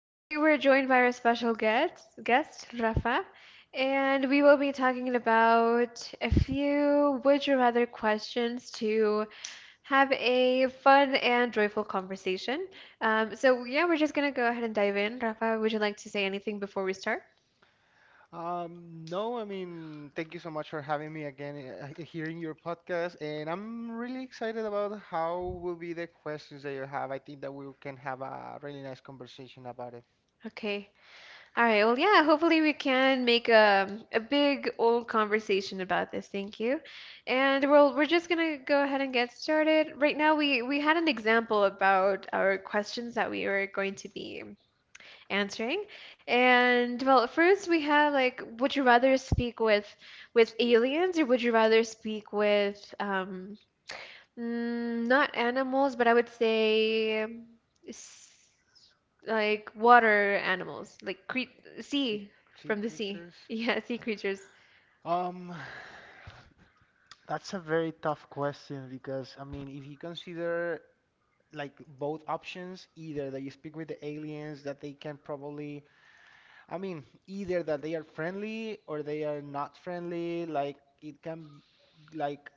Today, we're joined by our special guest, Rafa, and we will be talking about a few would you rather questions to have a fun and joyful conversation. Yeah, we're just gonna go ahead and dive in. Rafa, would you like to say anything before we start? No, I mean, thank you so much for having me again, hearing your podcast, and I'm really excited about how will be the questions that you have. I think that we can have a really nice conversation about it. Okay. All right. Well, yeah, hopefully we can make a big old conversation about this. Thank you. And we well, we're just gonna go ahead and get started. Right now, we had an example about our questions that we were going to be answering. And well, first we have like, would you rather speak with aliens or would you rather speak with not animals, but I would say s- like water animals, like cre Sea, sea sea from the sea. creatures. Yeah, sea creatures. Um, that's a very tough question because, I mean, if you consider like both options, either that you speak with the aliens, that they can probably I mean, either that they are friendly or they are not friendly. Like it can, like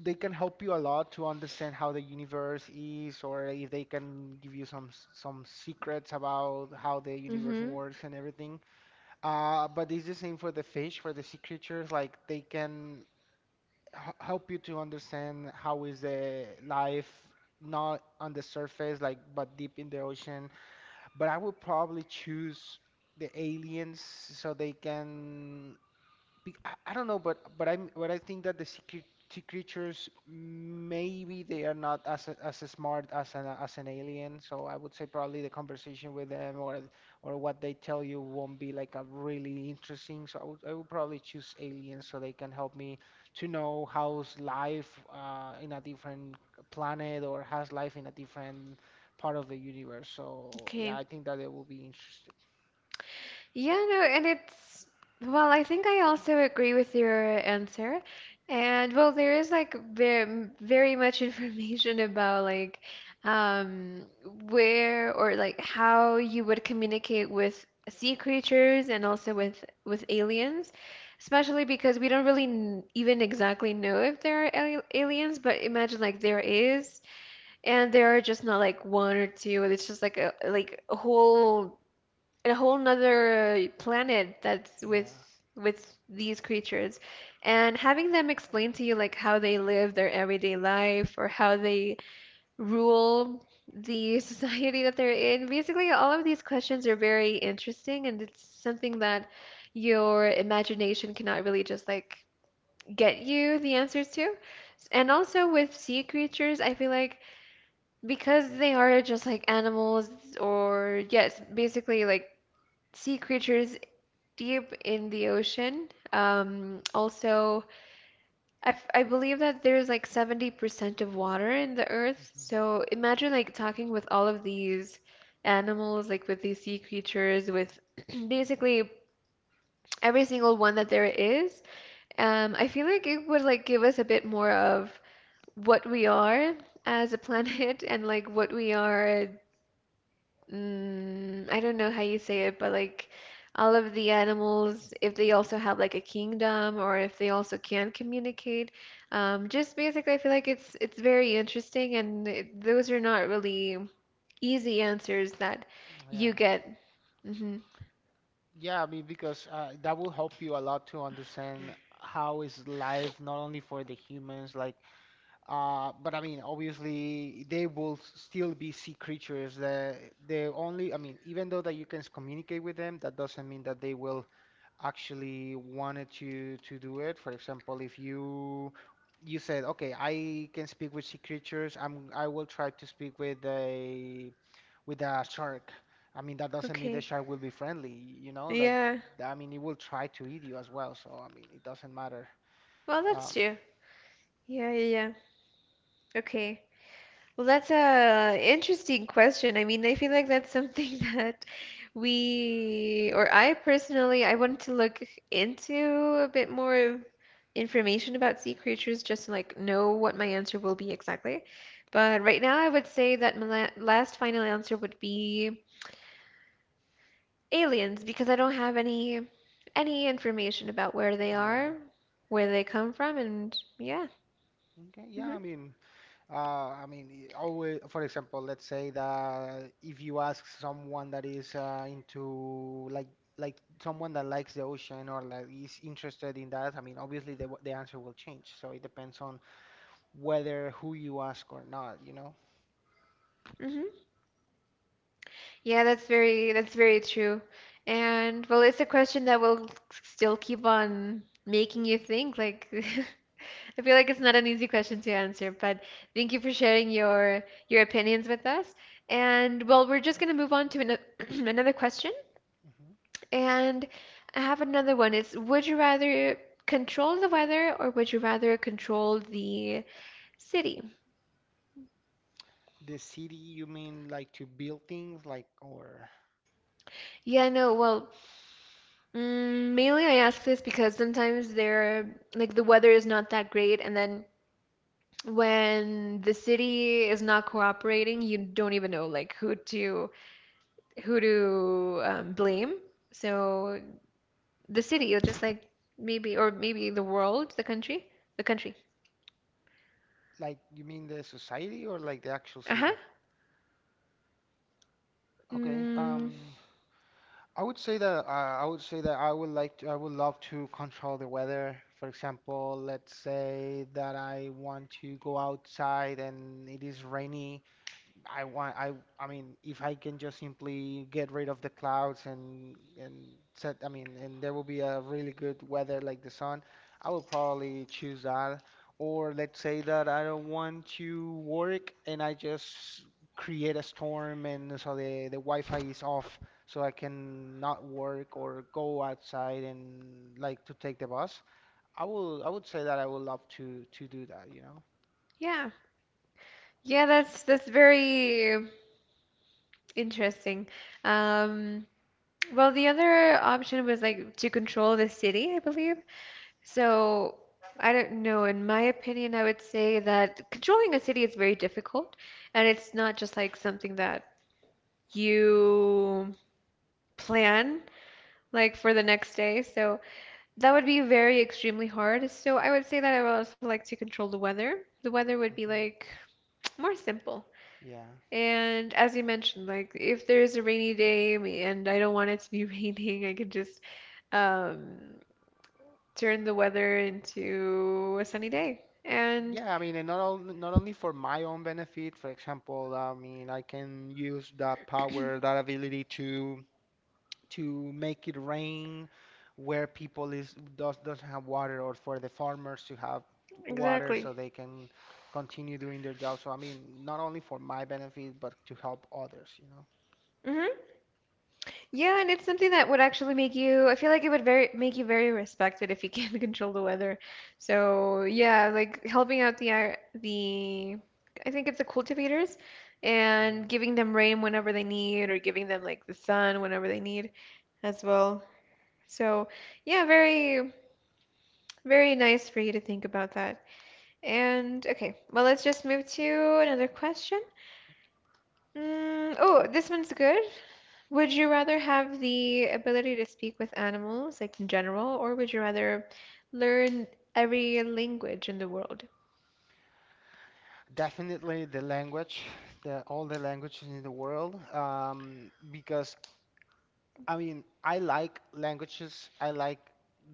they can help you a lot to understand how the universe is, or if they can give you some some secrets about how the universe Mm-hmm. works and everything. But it's the same for the fish, for the sea creatures. Like they can h help you to understand how is the life not on the surface, like but deep in the ocean, but I would probably choose the aliens so they can I don't know, but but I think that the sea creatures maybe they are not as smart as an alien. So I would say probably the conversation with them or what they tell you won't be like a really interesting. So I would probably choose aliens so they can help me to know how's life in a different planet or how's life in a different part of the universe. So yeah, Okay. I think that it will be interesting. Yeah, no, and it's, well, I think I also agree with your answer. And well, there is like very, very much information about um where or like how you would communicate with sea creatures and also with aliens, especially because we don't really n even exactly know if there are al aliens, but imagine like there is, and there are just not like one or two, it's just like a whole nother planet that's Yeah. with these creatures and having them explain to you like how they live their everyday life or how they rule the society that they're in. Basically, all of these questions are very interesting, and it's something that your imagination cannot really just like get you the answers to. And also with sea creatures, I feel like because they are just like animals, or yes, basically like sea creatures deep in the ocean. Also, I believe that there's like 70% of water in the earth. hmm So imagine like talking with all of these animals, like with these sea creatures, with basically every single one that there is. I feel like it would like give us a bit more of what we are as a planet and like what we are. I don't know how you say it, but like all of the animals, if they also have like a kingdom or if they also can communicate, just basically, I feel like it's very interesting, and those are not really easy answers that you Yeah. get. Hmm. Yeah, I mean, because that will help you a lot to understand how is life not only for the humans, like, but I mean, obviously they will still be sea creatures. The only, I mean, even though that you can communicate with them, that doesn't mean that they will actually wanted to do it. For example, if you said, okay, I can speak with sea creatures, I will try to speak with a shark. I mean, that doesn't mean the Okay. shark will be friendly, you know, that Yeah. I mean, it will try to eat you as well, so I mean, it doesn't matter. Well, that's Um, true. Yeah, yeah, yeah. Okay. Well, that's a interesting question. I mean, I feel like that's something that we, or I personally, I wanted to look into a bit more information about sea creatures just to like know what my answer will be exactly. But right now, I would say that my last final answer would be aliens because I don't have any information about where they yeah. are, where they come from, and yeah. Okay, yeah, Hmm. I mean, always, for example, let's say that if you ask someone that is into like someone that likes the ocean or like is interested in that, I mean, obviously the the answer will change. So it depends on whether who you ask or not, you know. Hmm. Yeah, that's very true. And well, it's a question that will still keep on making you think. Like, I feel like it's not an easy question to answer, but thank you for sharing your opinions with us. And well, we're just gonna move on to another question. hmm. And I have another one. It's would you rather control the weather or would you rather control the city? The city, you mean like to build things, like? Or Yeah, no, well, Mm, mainly, I ask this because sometimes they're like the weather is not that great, and then when the city is not cooperating, you don't even know like who to blame. So the city, or maybe the world, the country. like you mean the society or like the actual Uh-huh. city? Okay, Mm, I would say that I would like to, I would love to control the weather. For example, let's say that I want to go outside and it is rainy. I want I I mean if I can just simply get rid of the clouds and set I mean and there will be a really good weather like the sun, I will probably choose that. Or let's say that I don't want to work and I just create a storm and so the Wi-Fi is off so I can not work or go outside and like to take the bus. I would say that I would love to do that, you know. yeah, yeah. That's very interesting. Um, well, the other option was like to control the city, I believe. So, I don't know. In my opinion, I would say that controlling a city is very difficult, and it's not just like something that you plan like for the next day. So, that would be very extremely hard. So, I would say that I would also like to control the weather. The weather would be hmm. like more simple. Yeah. And as you mentioned, like if there is a rainy day and I don't want it to be raining, I could just um, turn the weather into a sunny day. And Yeah, I mean, and not only for my own benefit, for example, I mean, I can use that power, that ability to make it rain where people is does doesn't have water, or for the farmers to have water so exactly. they can continue doing their job. So I mean, not only for my benefit, but to help others, you know. Hmm. Yeah, and it's something that would actually make you, I feel like it would very make you very respected if you can control the weather. So, yeah, like helping out the I think it's the cultivators, Yeah. and giving them rain whenever they need or giving them like the sun whenever they need as well. So, yeah, very nice for you to think about that. And okay, well, let's just move to another question. Oh, this one's good. Would you rather have the ability to speak with animals, like in general, or would you rather learn every language in the world? Definitely the language, the all the languages in the world, because I mean, I like languages. I like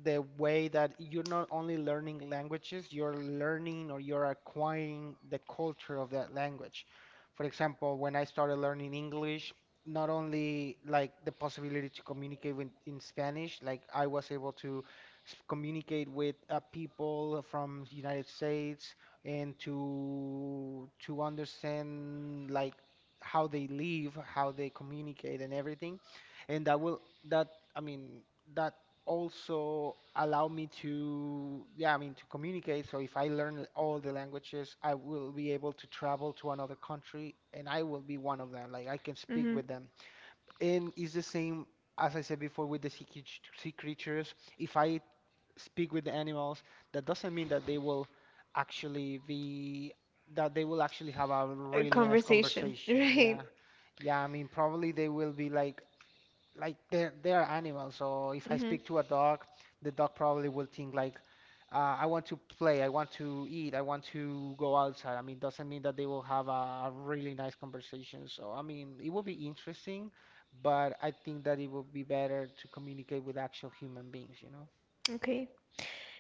the way that you're not only learning languages, you're learning or you're acquiring the culture of that language. For example, when I started learning English, not only like the possibility to communicate with, in Spanish, like I was able to communicate with people from United States and to understand like how they live, how they communicate and everything, and that will that I mean that also allow me to yeah I mean to communicate. So if I learn all the languages, I will be able to travel to another country and I will be one of them. Like I can speak Mm-hmm. with them. And it's the same as I said before with the sea, sea creatures. If I speak with the animals, that doesn't mean that they will actually be actually have a A really nice conversation, conversation. Yeah. right? Yeah, I mean, probably they will be like they're animals. So if I Mm-hmm. speak to a dog, the dog probably will think like, I want to play, I want to eat, I want to go outside. I mean, doesn't mean that they will have a really nice conversation. So I mean, it will be interesting, but I think that it will be better to communicate with actual human beings, you know? Okay.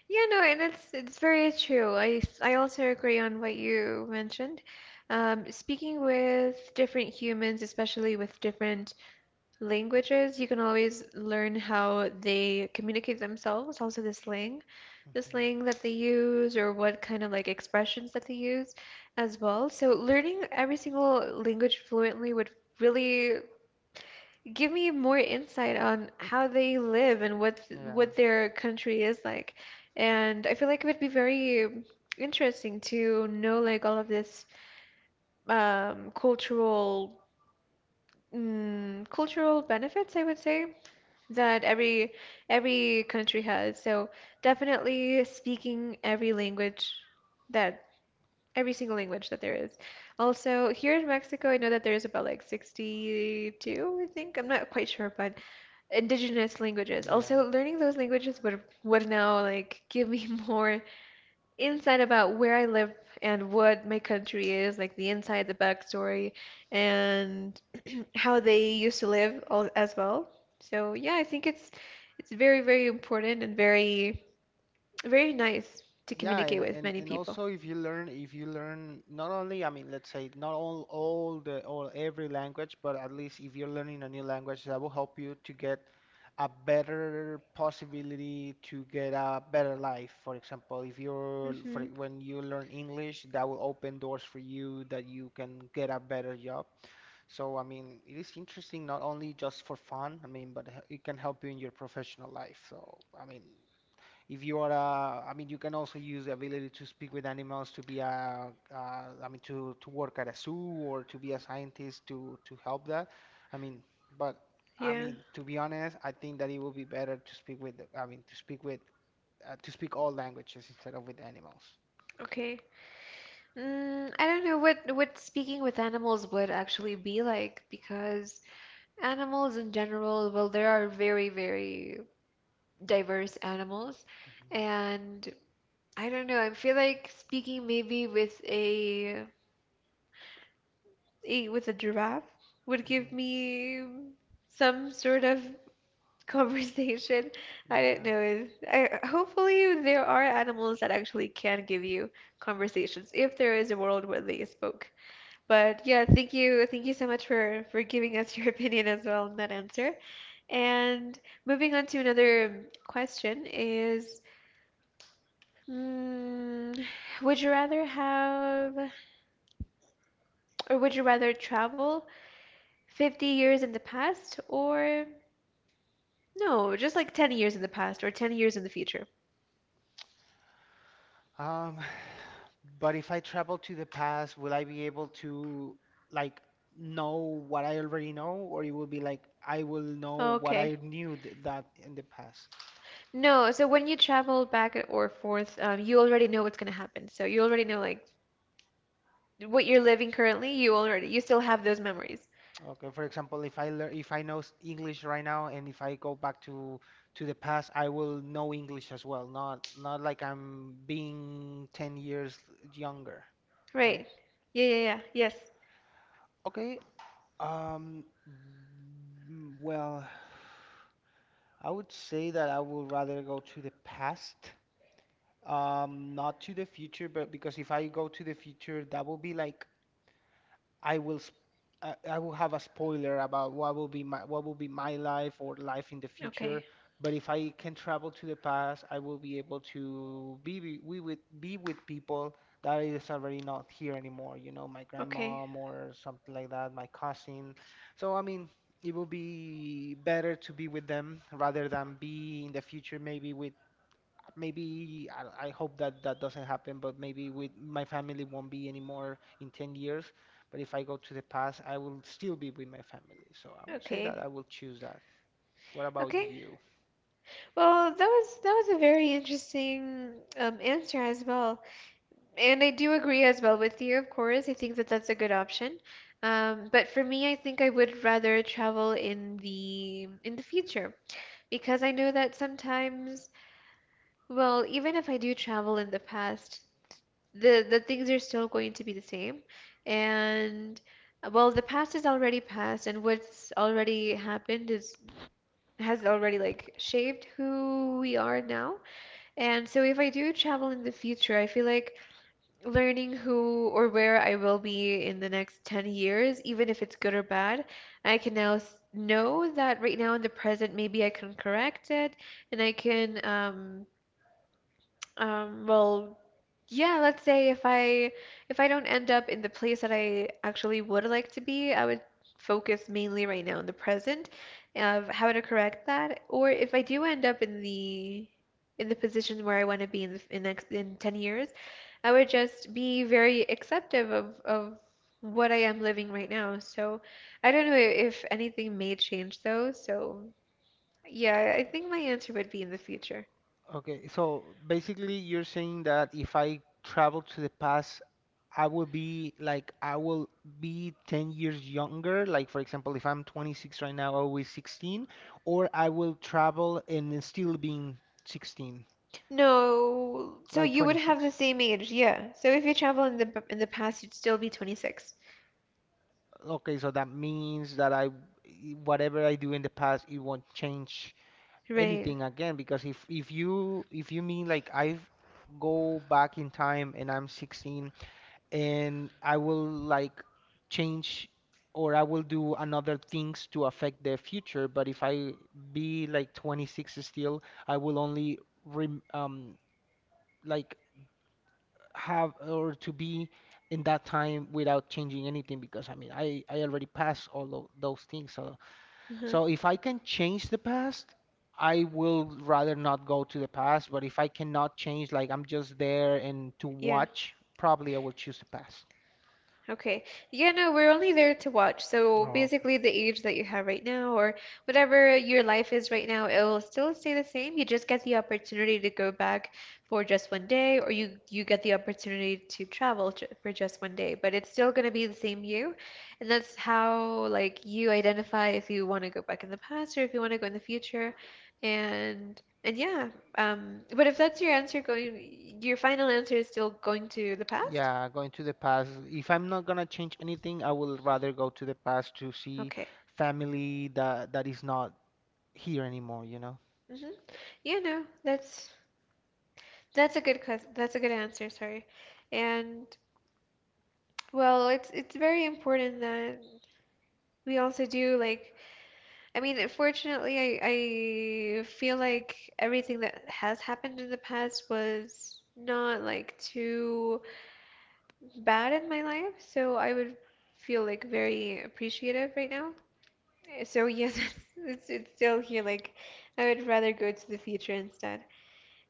Yeah, no, and it's very true. I also agree on what you mentioned. Speaking with different humans, especially with different languages, you can always learn how they communicate themselves, also the slang. the hmm. slang that they use or what kind of like expressions that they use as well. So learning every single language fluently would really give me more insight on how they live and Yeah, what their country is like. And I feel like it would be very interesting to know like all of this cultural cultural benefits, I would say, that every country has. So definitely speaking every language that every single language that there is. Also, here in Mexico, I know that there is about like 62, I think. I'm not quite sure, but indigenous languages. yeah. Also, learning those languages would now like give me more insight about where I live and what my country is, like the inside, the backstory, and how they used to live all, as well. So, yeah, I think it's very, very important and very, very nice to Yeah, communicate and, with many and people. also if you learn not only I mean let's say not all all the all every language, but at least if you're learning a new language, that will help you to get a better possibility to get a better life. For example, if you're for Hmm. when you learn English, that will open doors for you that you can get a better job. So I mean, it is interesting not only just for fun, I mean, but it can help you in your professional life. So I mean. If you are, a, I mean, you can also use the ability to speak with animals to be a, to work at a zoo or to be a scientist to help that. I mean, but I Yeah. mean, to be honest, I think that it would be better to speak with, to speak all languages instead of with animals. Okay. I don't know what speaking with animals would actually be like because animals in general, well, there are very, very diverse animals, hmm. and I don't know, I feel like speaking maybe with a with a giraffe would give hmm. me some sort of conversation. I don't Yeah. know if I hopefully there are animals that actually can give you conversations if there is a world where they spoke. But yeah, thank you, so much for giving us your opinion as well on that answer. And moving on to another question is, mm, would you rather have would you rather travel 50 years in the past or no, just like 10 years in the past or 10 years in the future? Um, but if I travel to the past, will I be able to like know what I already know, or it will be like I will know what I Okay. knew th that in the past? No, so when you travel back or forth, you already know what's gonna happen. So you already know like what you're living currently, you still have those memories. Okay, for example, if I know English right now, and if I go back to the past, I will know English as well. Not like I'm being 10 years younger, right? Right. Yeah, yeah, yeah. Yes. Okay. Um, well. I would say that I would rather go to the past, not to the future, but because if I go to the future, that will be like I will sp- I will have a spoiler about what will be my life or life in the future. Okay. But if I can travel to the past, I will be able to be with people that is already not here anymore. You know, my Okay. grandmom or something like that, my cousin. So I mean, it will be better to be with them rather than be in the future maybe with maybe I hope that that doesn't happen, but maybe with my family won't be anymore in 10 years. But if I go to the past, I will still be with my family. So I would say that Okay. I will choose that. What about Okay. you? Well, that was a very interesting answer as well. And I do agree as well with you, of course. I think that that's a good option. But for me, I think I would rather travel in the future because I know that sometimes, well, even if I do travel in the past, the things are still going to be the same, and well, the past is already past, and what's already happened is has already like shaped who we are now. And so if I do travel in the future, I feel like learning who or where I will be in the next 10 years, even if it's good or bad, I can now know that right now in the present, maybe I can correct it. And I can well, yeah, let's say if I don't end up in the place that I actually would like to be, I would focus mainly right now in the present of how to correct that. Or if I do end up in the position where I want to be in next in 10 years, I would just be very acceptive of what I am living right now. So I don't know if anything may change though. So yeah, I think my answer would be in the future. Okay, so basically you're saying that if I travel to the past, I will be 10 years younger. Like for example, if I'm 26 right now, I will be 16, or I will travel and then still being 16, No, so like you would have the 26. same age, yeah. So if you travel in the past, you'd still be 26. Okay, so that means that whatever I do in the past, it won't change Right. anything again, because if you mean like I go back in time and I'm 16 and I will like change or I will do another things to affect the future, but if I be like 26 still, I will only rem like have or to be in that time without changing anything, because I mean I already passed all of those things. So Uh-huh. so if I can change the past I will rather not go to the past, but if I cannot change, like I'm just there and to Yeah. watch, probably I will choose the past. Okay. Yeah, no, we're only there to watch. So Oh, basically, the age that you have right now, or whatever your life is right now, it'll still stay the same. You just get the opportunity to go back for just one day, or you get the opportunity to travel ju for just one day. But it's still gonna be the same you, and that's how like you identify if you want to go back in the past or if you want to go in the future, and yeah. But if that's your answer, going your final answer is still going to the past? yeah, going to the past. If I'm not gonna change anything I will rather go to the past to see Okay. family that that is not here anymore, you know. Hmm. You know, that's a that's a good answer, sorry. And well, it's very important that we also do like I mean, unfortunately, I feel like everything that has happened in the past was not like too bad in my life, so I would feel like very appreciative right now. So yes, it's still here. Like I would rather go to the future instead.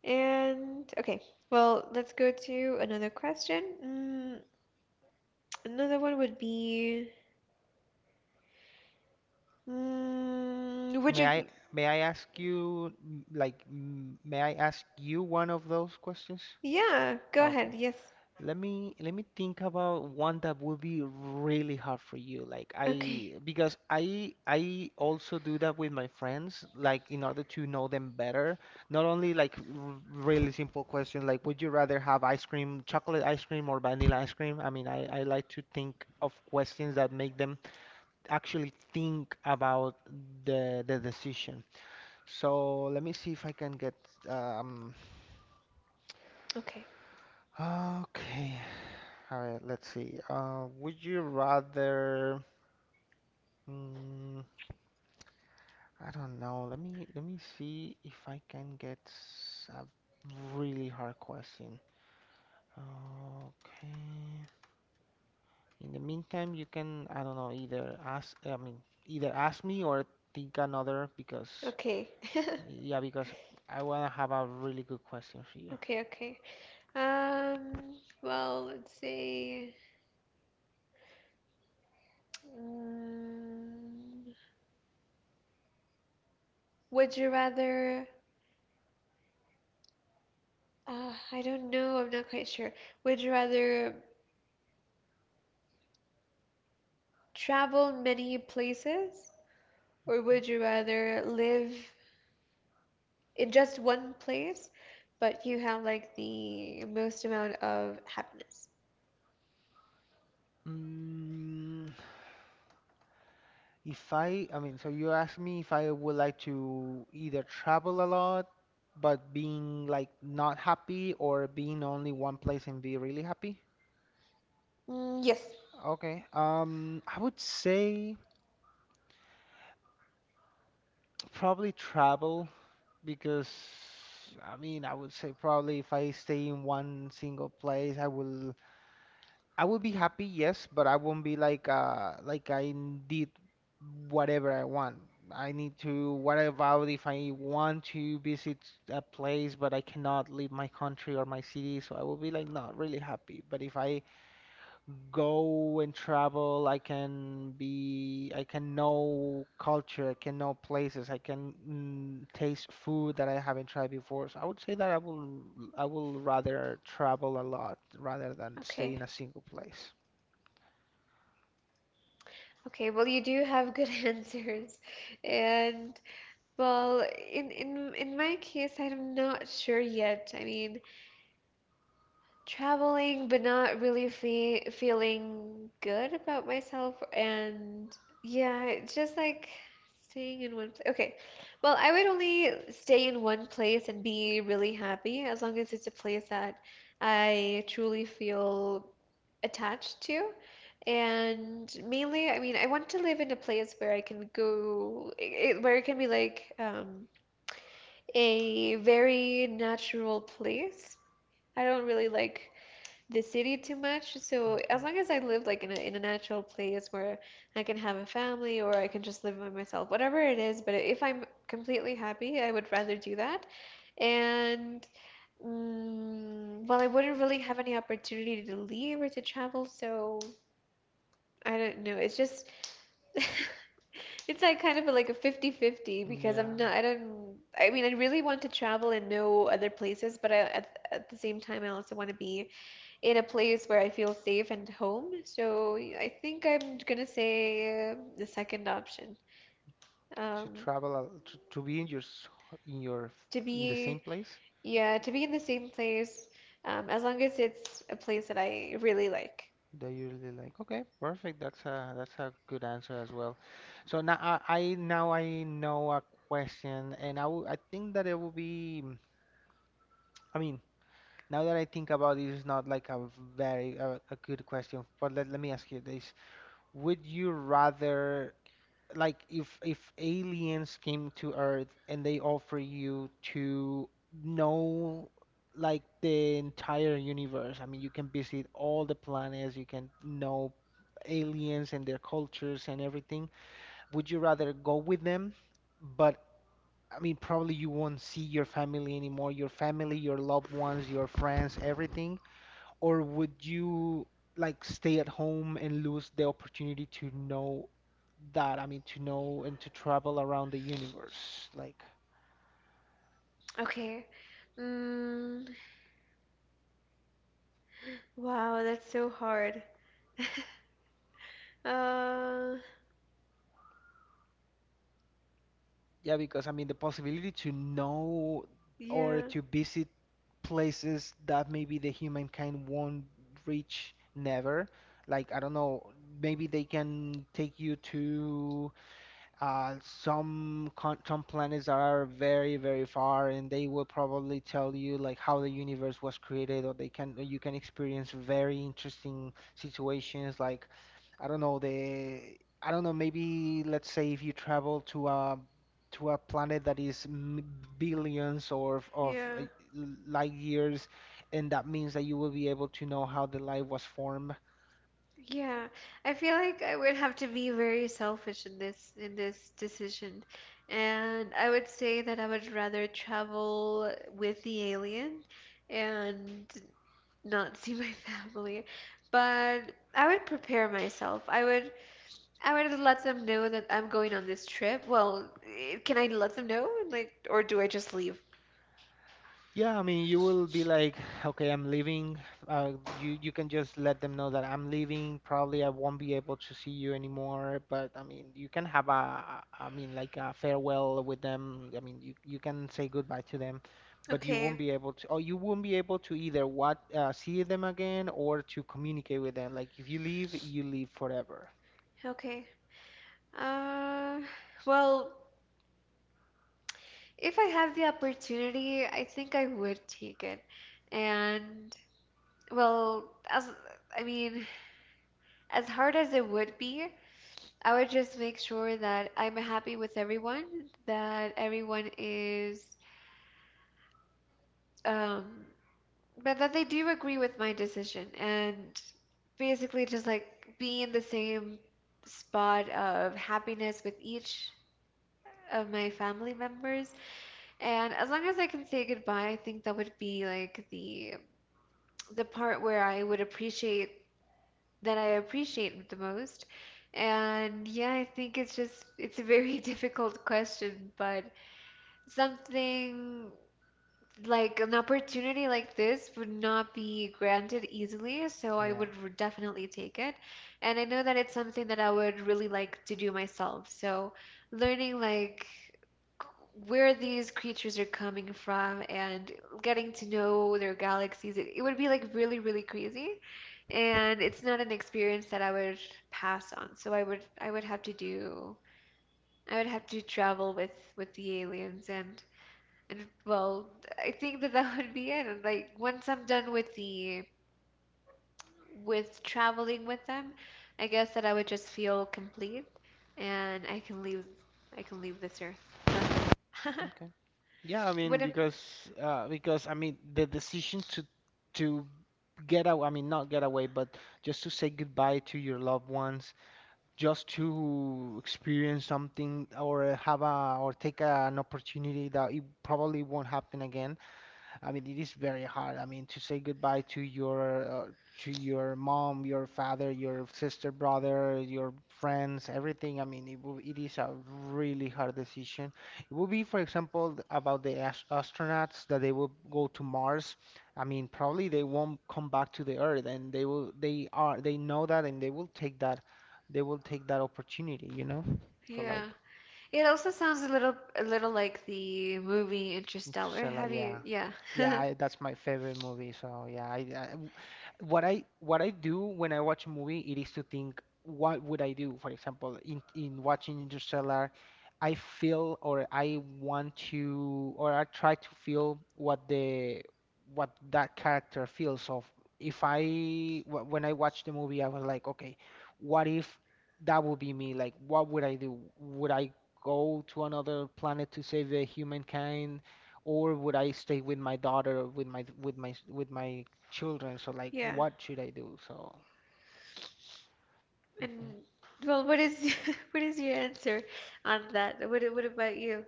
And okay, well, let's go to another question. Another one would be, would May I you, may I ask you may I ask you one of those questions? yeah, go ahead. Okay. Yes. Let me think about one that will be really hard for you. Like I Okay. because I also do that with my friends, like in order to know them better. Not only like r really simple questions like would you rather have ice cream, chocolate ice cream or vanilla ice cream? I mean, I like to think of questions that make them actually think about the decision. So let me see if I can get um Okay. okay. All right, let's see. Would you rather mm, I don't know. Let me see if I can get a really hard question. Okay. In the meantime, you can I don't know either ask I mean either ask me or think another because Okay. yeah because I wanna have a really good question for you. Okay, okay. Um, well, let's say, mm, would you rather, I don't know, I'm not quite sure. Would you rather travel many places or Okay. would you rather live in just one place, but you have like the most amount of happiness. Mm, If I, I mean, so you asked me if I would like to either travel a lot, but being like not happy, or being only one place and be really happy. Mm, yes. Okay. I would say probably travel because I mean, I would say probably if I stay in one single place, I would be happy, yes, but I won't be like I did whatever I want. I need to what about if I want to visit a place but I cannot leave my country or my city, so I will be like not really happy. But if I go and travel, I can know culture, I can know places, I can taste food that I haven't tried before. So I would say that I will rather travel a lot rather than stay Okay. in a single place. Okay. Well, you do have good answers, and well, in my case, I'm not sure yet. I mean, traveling, but not really fe feeling good about myself. And yeah, it's just like staying in one place. Okay. Well, I would only stay in one place and be really happy as long as it's a place that I truly feel attached to. And mainly, I mean, I want to live in a place where I can go, where it can be like a very natural place. I don't really like the city too much. So as Okay. long as I live like in a natural place where I can have a family or I can just live by myself, whatever it is. But if I'm completely happy, I would rather do that. And well, I wouldn't really have any opportunity to leave or to travel, so I don't know. It's just it's like kind of like a 50-50 because I'm Yeah, not I don't I mean I really want to travel and know other places, but I at the same time I also want to be in a place where I feel safe and home. So I think I'm gonna say the second option. to Um, travel to be in your in your to in the same be, place. yeah, to be in the same place, as long as it's a place that I really like. They usually like, okay, perfect. That's a good answer as well. So now I now I know a question, and I I think that it will be. I mean, now that I think about it, it's not like a very a good question, but let me ask you this: Would you rather like if aliens came to Earth and they offer you to know like the entire universe. I mean, you can visit all the planets, you can know aliens and their cultures and everything. Would you rather go with them? But I mean, probably you won't see your family anymore, your family, your loved ones, your friends, everything or would you like stay at home and lose the opportunity to know that? I mean, to know and to travel around the universe. Like, Okay. Mm, wow, that's so hard. Uh, yeah, because I mean, the possibility to know or yeah, to visit places that maybe the humankind won't reach never. Like, I don't know, maybe they can take you to some con some planets are very, very far, and they will probably tell you like how the universe was created, or they can you can experience very interesting situations like I don't know the I don't know maybe let's say if you travel to a planet that is billions or of yeah. light years, and that means that you will be able to know how the life was formed. Yeah, I feel like I would have to be very selfish in this decision. And I would say that I would rather travel with the alien and not see my family. But I would prepare myself. I would let them know that I'm going on this trip. Well, eh, can I let them know? Like, or do I just leave? Yeah, I mean, you will be like, okay, I'm leaving. You can just let them know that I'm leaving. Probably I won't be able to see you anymore. But I mean, you can have I mean, like a farewell with them. I mean, you can say goodbye to them, but you won't Okay. be able to, or you won't be able to either what see them again or to communicate with them. Like if you leave, you leave forever. Okay. Uh, well, if I have the opportunity, I think I would take it. And well, as I mean, as hard as it would be, I would just make sure that I'm happy with everyone, that everyone is um but that they do agree with my decision and basically just like be in the same spot of happiness with each of my family members. And as long as I can say goodbye, I think that would be like the part where I would appreciate that I appreciate the most. And yeah, I think it's just it's a very difficult question, but something like an opportunity like this would not be granted easily, so Yeah. Definitely take it. And I know that it's something that I would really like to do myself. So learning like c- where these creatures are coming from and getting to know their galaxies, it would be like really, really crazy. And it's not an experience that I would pass on. So I would have to do I would have to travel with the aliens and well, I think that that would be it. And like once I'm done with the with traveling with them, I guess that I would just feel complete and I can leave this earth. Ugh. Okay. Yeah, I mean What a because I mean the decision to get away, I mean not get away, but just to say goodbye to your loved ones, just to experience something or have a or take an opportunity that it probably won't happen again. I mean, it is very hard. I mean, to say goodbye to your mom, your father, your sister, brother, your friends, everything. I mean, it is a really hard decision. It would be, for example, about the astronauts that they will go to Mars. I mean, probably they won't come back to the Earth, and they will they are they know that, and they will take that they will take that opportunity, you know, for yeah. like. It also sounds a little like the movie Interstellar. Interstellar, Have you? yeah. Yeah. Yeah, that's my favorite movie. So yeah, what I do when I watch a movie, it is to think, what would I do? For example, in watching Interstellar, I feel or I want to or I try to feel what the what that character feels of. If I when I watched the movie, I was like, okay, what if that would be me? Like, what would I do? Would I go to another planet to save the humankind? Or would I stay with my daughter, with my with my children? So like, Yeah. what should I do? So mhm. And well, what is what is your answer on that? What about you?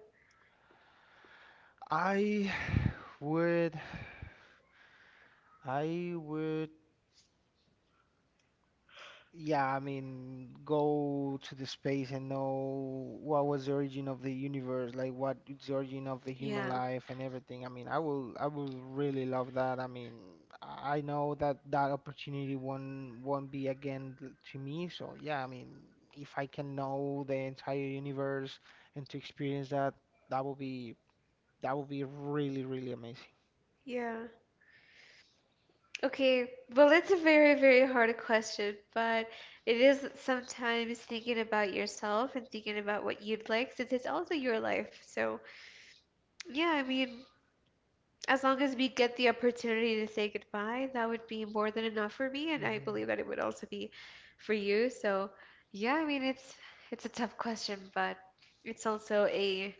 I would I would Yeah, I mean, go to the space and know what was the origin of the universe, like what is the origin of the human Yeah. life and everything. I mean, I will really love that. I mean, I know that that opportunity won't be again to me. So yeah, I mean, if I can know the entire universe and to experience that, that will be that will be really, really amazing. Yeah. Okay, well, it's a very, very hard question, but it is sometimes thinking about yourself and thinking about what you'd like, since it's also your life. So, yeah, I mean, as long as we get the opportunity to say goodbye, that would be more than enough for me, and I Hmm. believe that it would also be for you. So, yeah, I mean, it's a tough question, but it's also a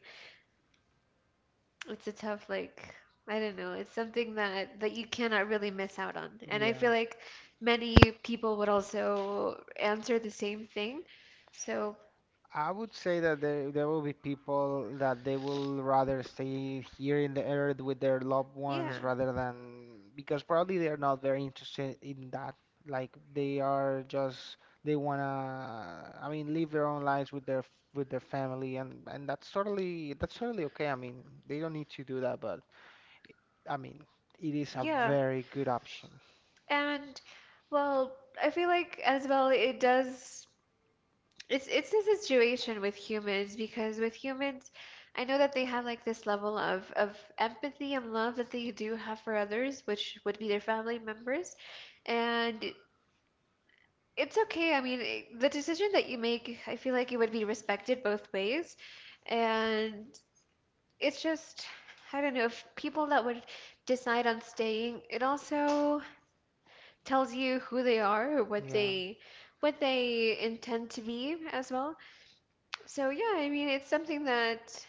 it's a tough like I don't know. It's something that you cannot really miss out on. And I feel Yeah. like many people would also answer the same thing. So, I would say that there will be people that they will rather stay here in the earth with their loved yeah. ones rather than because probably they are not very interested in that. Like they are just they wanna I mean live their own lives with their with their family and that's totally okay. I mean they don't need to do that, but I mean it is a Yeah. very good option. And well, I feel like as well it does it's a situation with humans because with humans I know that they have like this level of empathy and love that they do have for others, which would be their family members. And it's okay. I mean, it- the decision that you make, I feel like it would be respected both ways. And it's just, I don't know, if people that would decide on staying, it also tells you who they are or Yeah, what they intend to be as well. So yeah, I mean, it's something that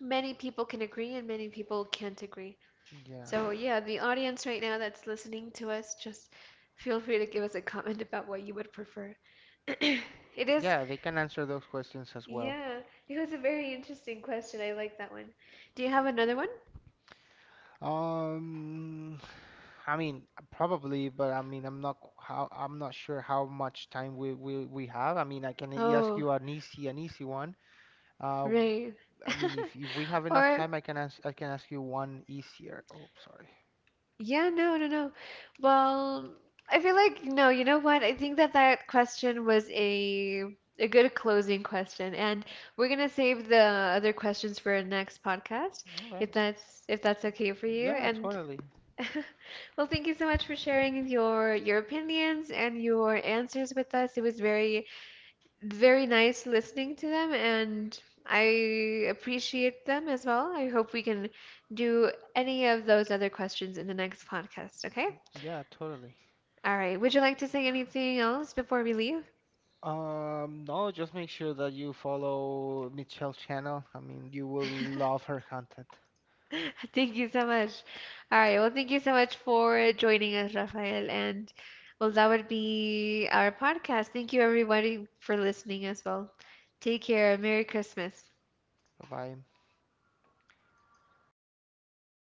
many people can agree and many people can't agree. yeah, So yeah, the audience right now that's listening to us, just feel free to give us a comment about what you would prefer. It is yeah. They can answer those questions as well. yeah, it was a very interesting question. I like that one. Do you have another one? Um, I mean, probably, but I mean, I'm not sure how much time we have. I mean, I can ask Oh, you an easy one. Uh, right. I mean, if we have enough Or, time, I can ask you one easier. Oh, sorry. yeah, no, no, no. Well, I feel like, no, you know what? I think that that question was a good closing question, and we're gonna save the other questions for our next podcast, Okay. If that's okay for you. Yeah, And totally. well, thank you so much for sharing your opinions and your answers with us. It was very very nice listening to them, and I appreciate them as well. I hope we can do any of those other questions in the next podcast, okay? Yeah, totally. All right. Would you like to say anything else before we leave? No, just make sure that you follow Michelle's channel. I mean, you will love her content. Thank you so much. All right. Well, thank you so much for joining us, Rafael. And well, that would be our podcast. Thank you, everybody, for listening as well. Take care. Merry Christmas. Bye bye.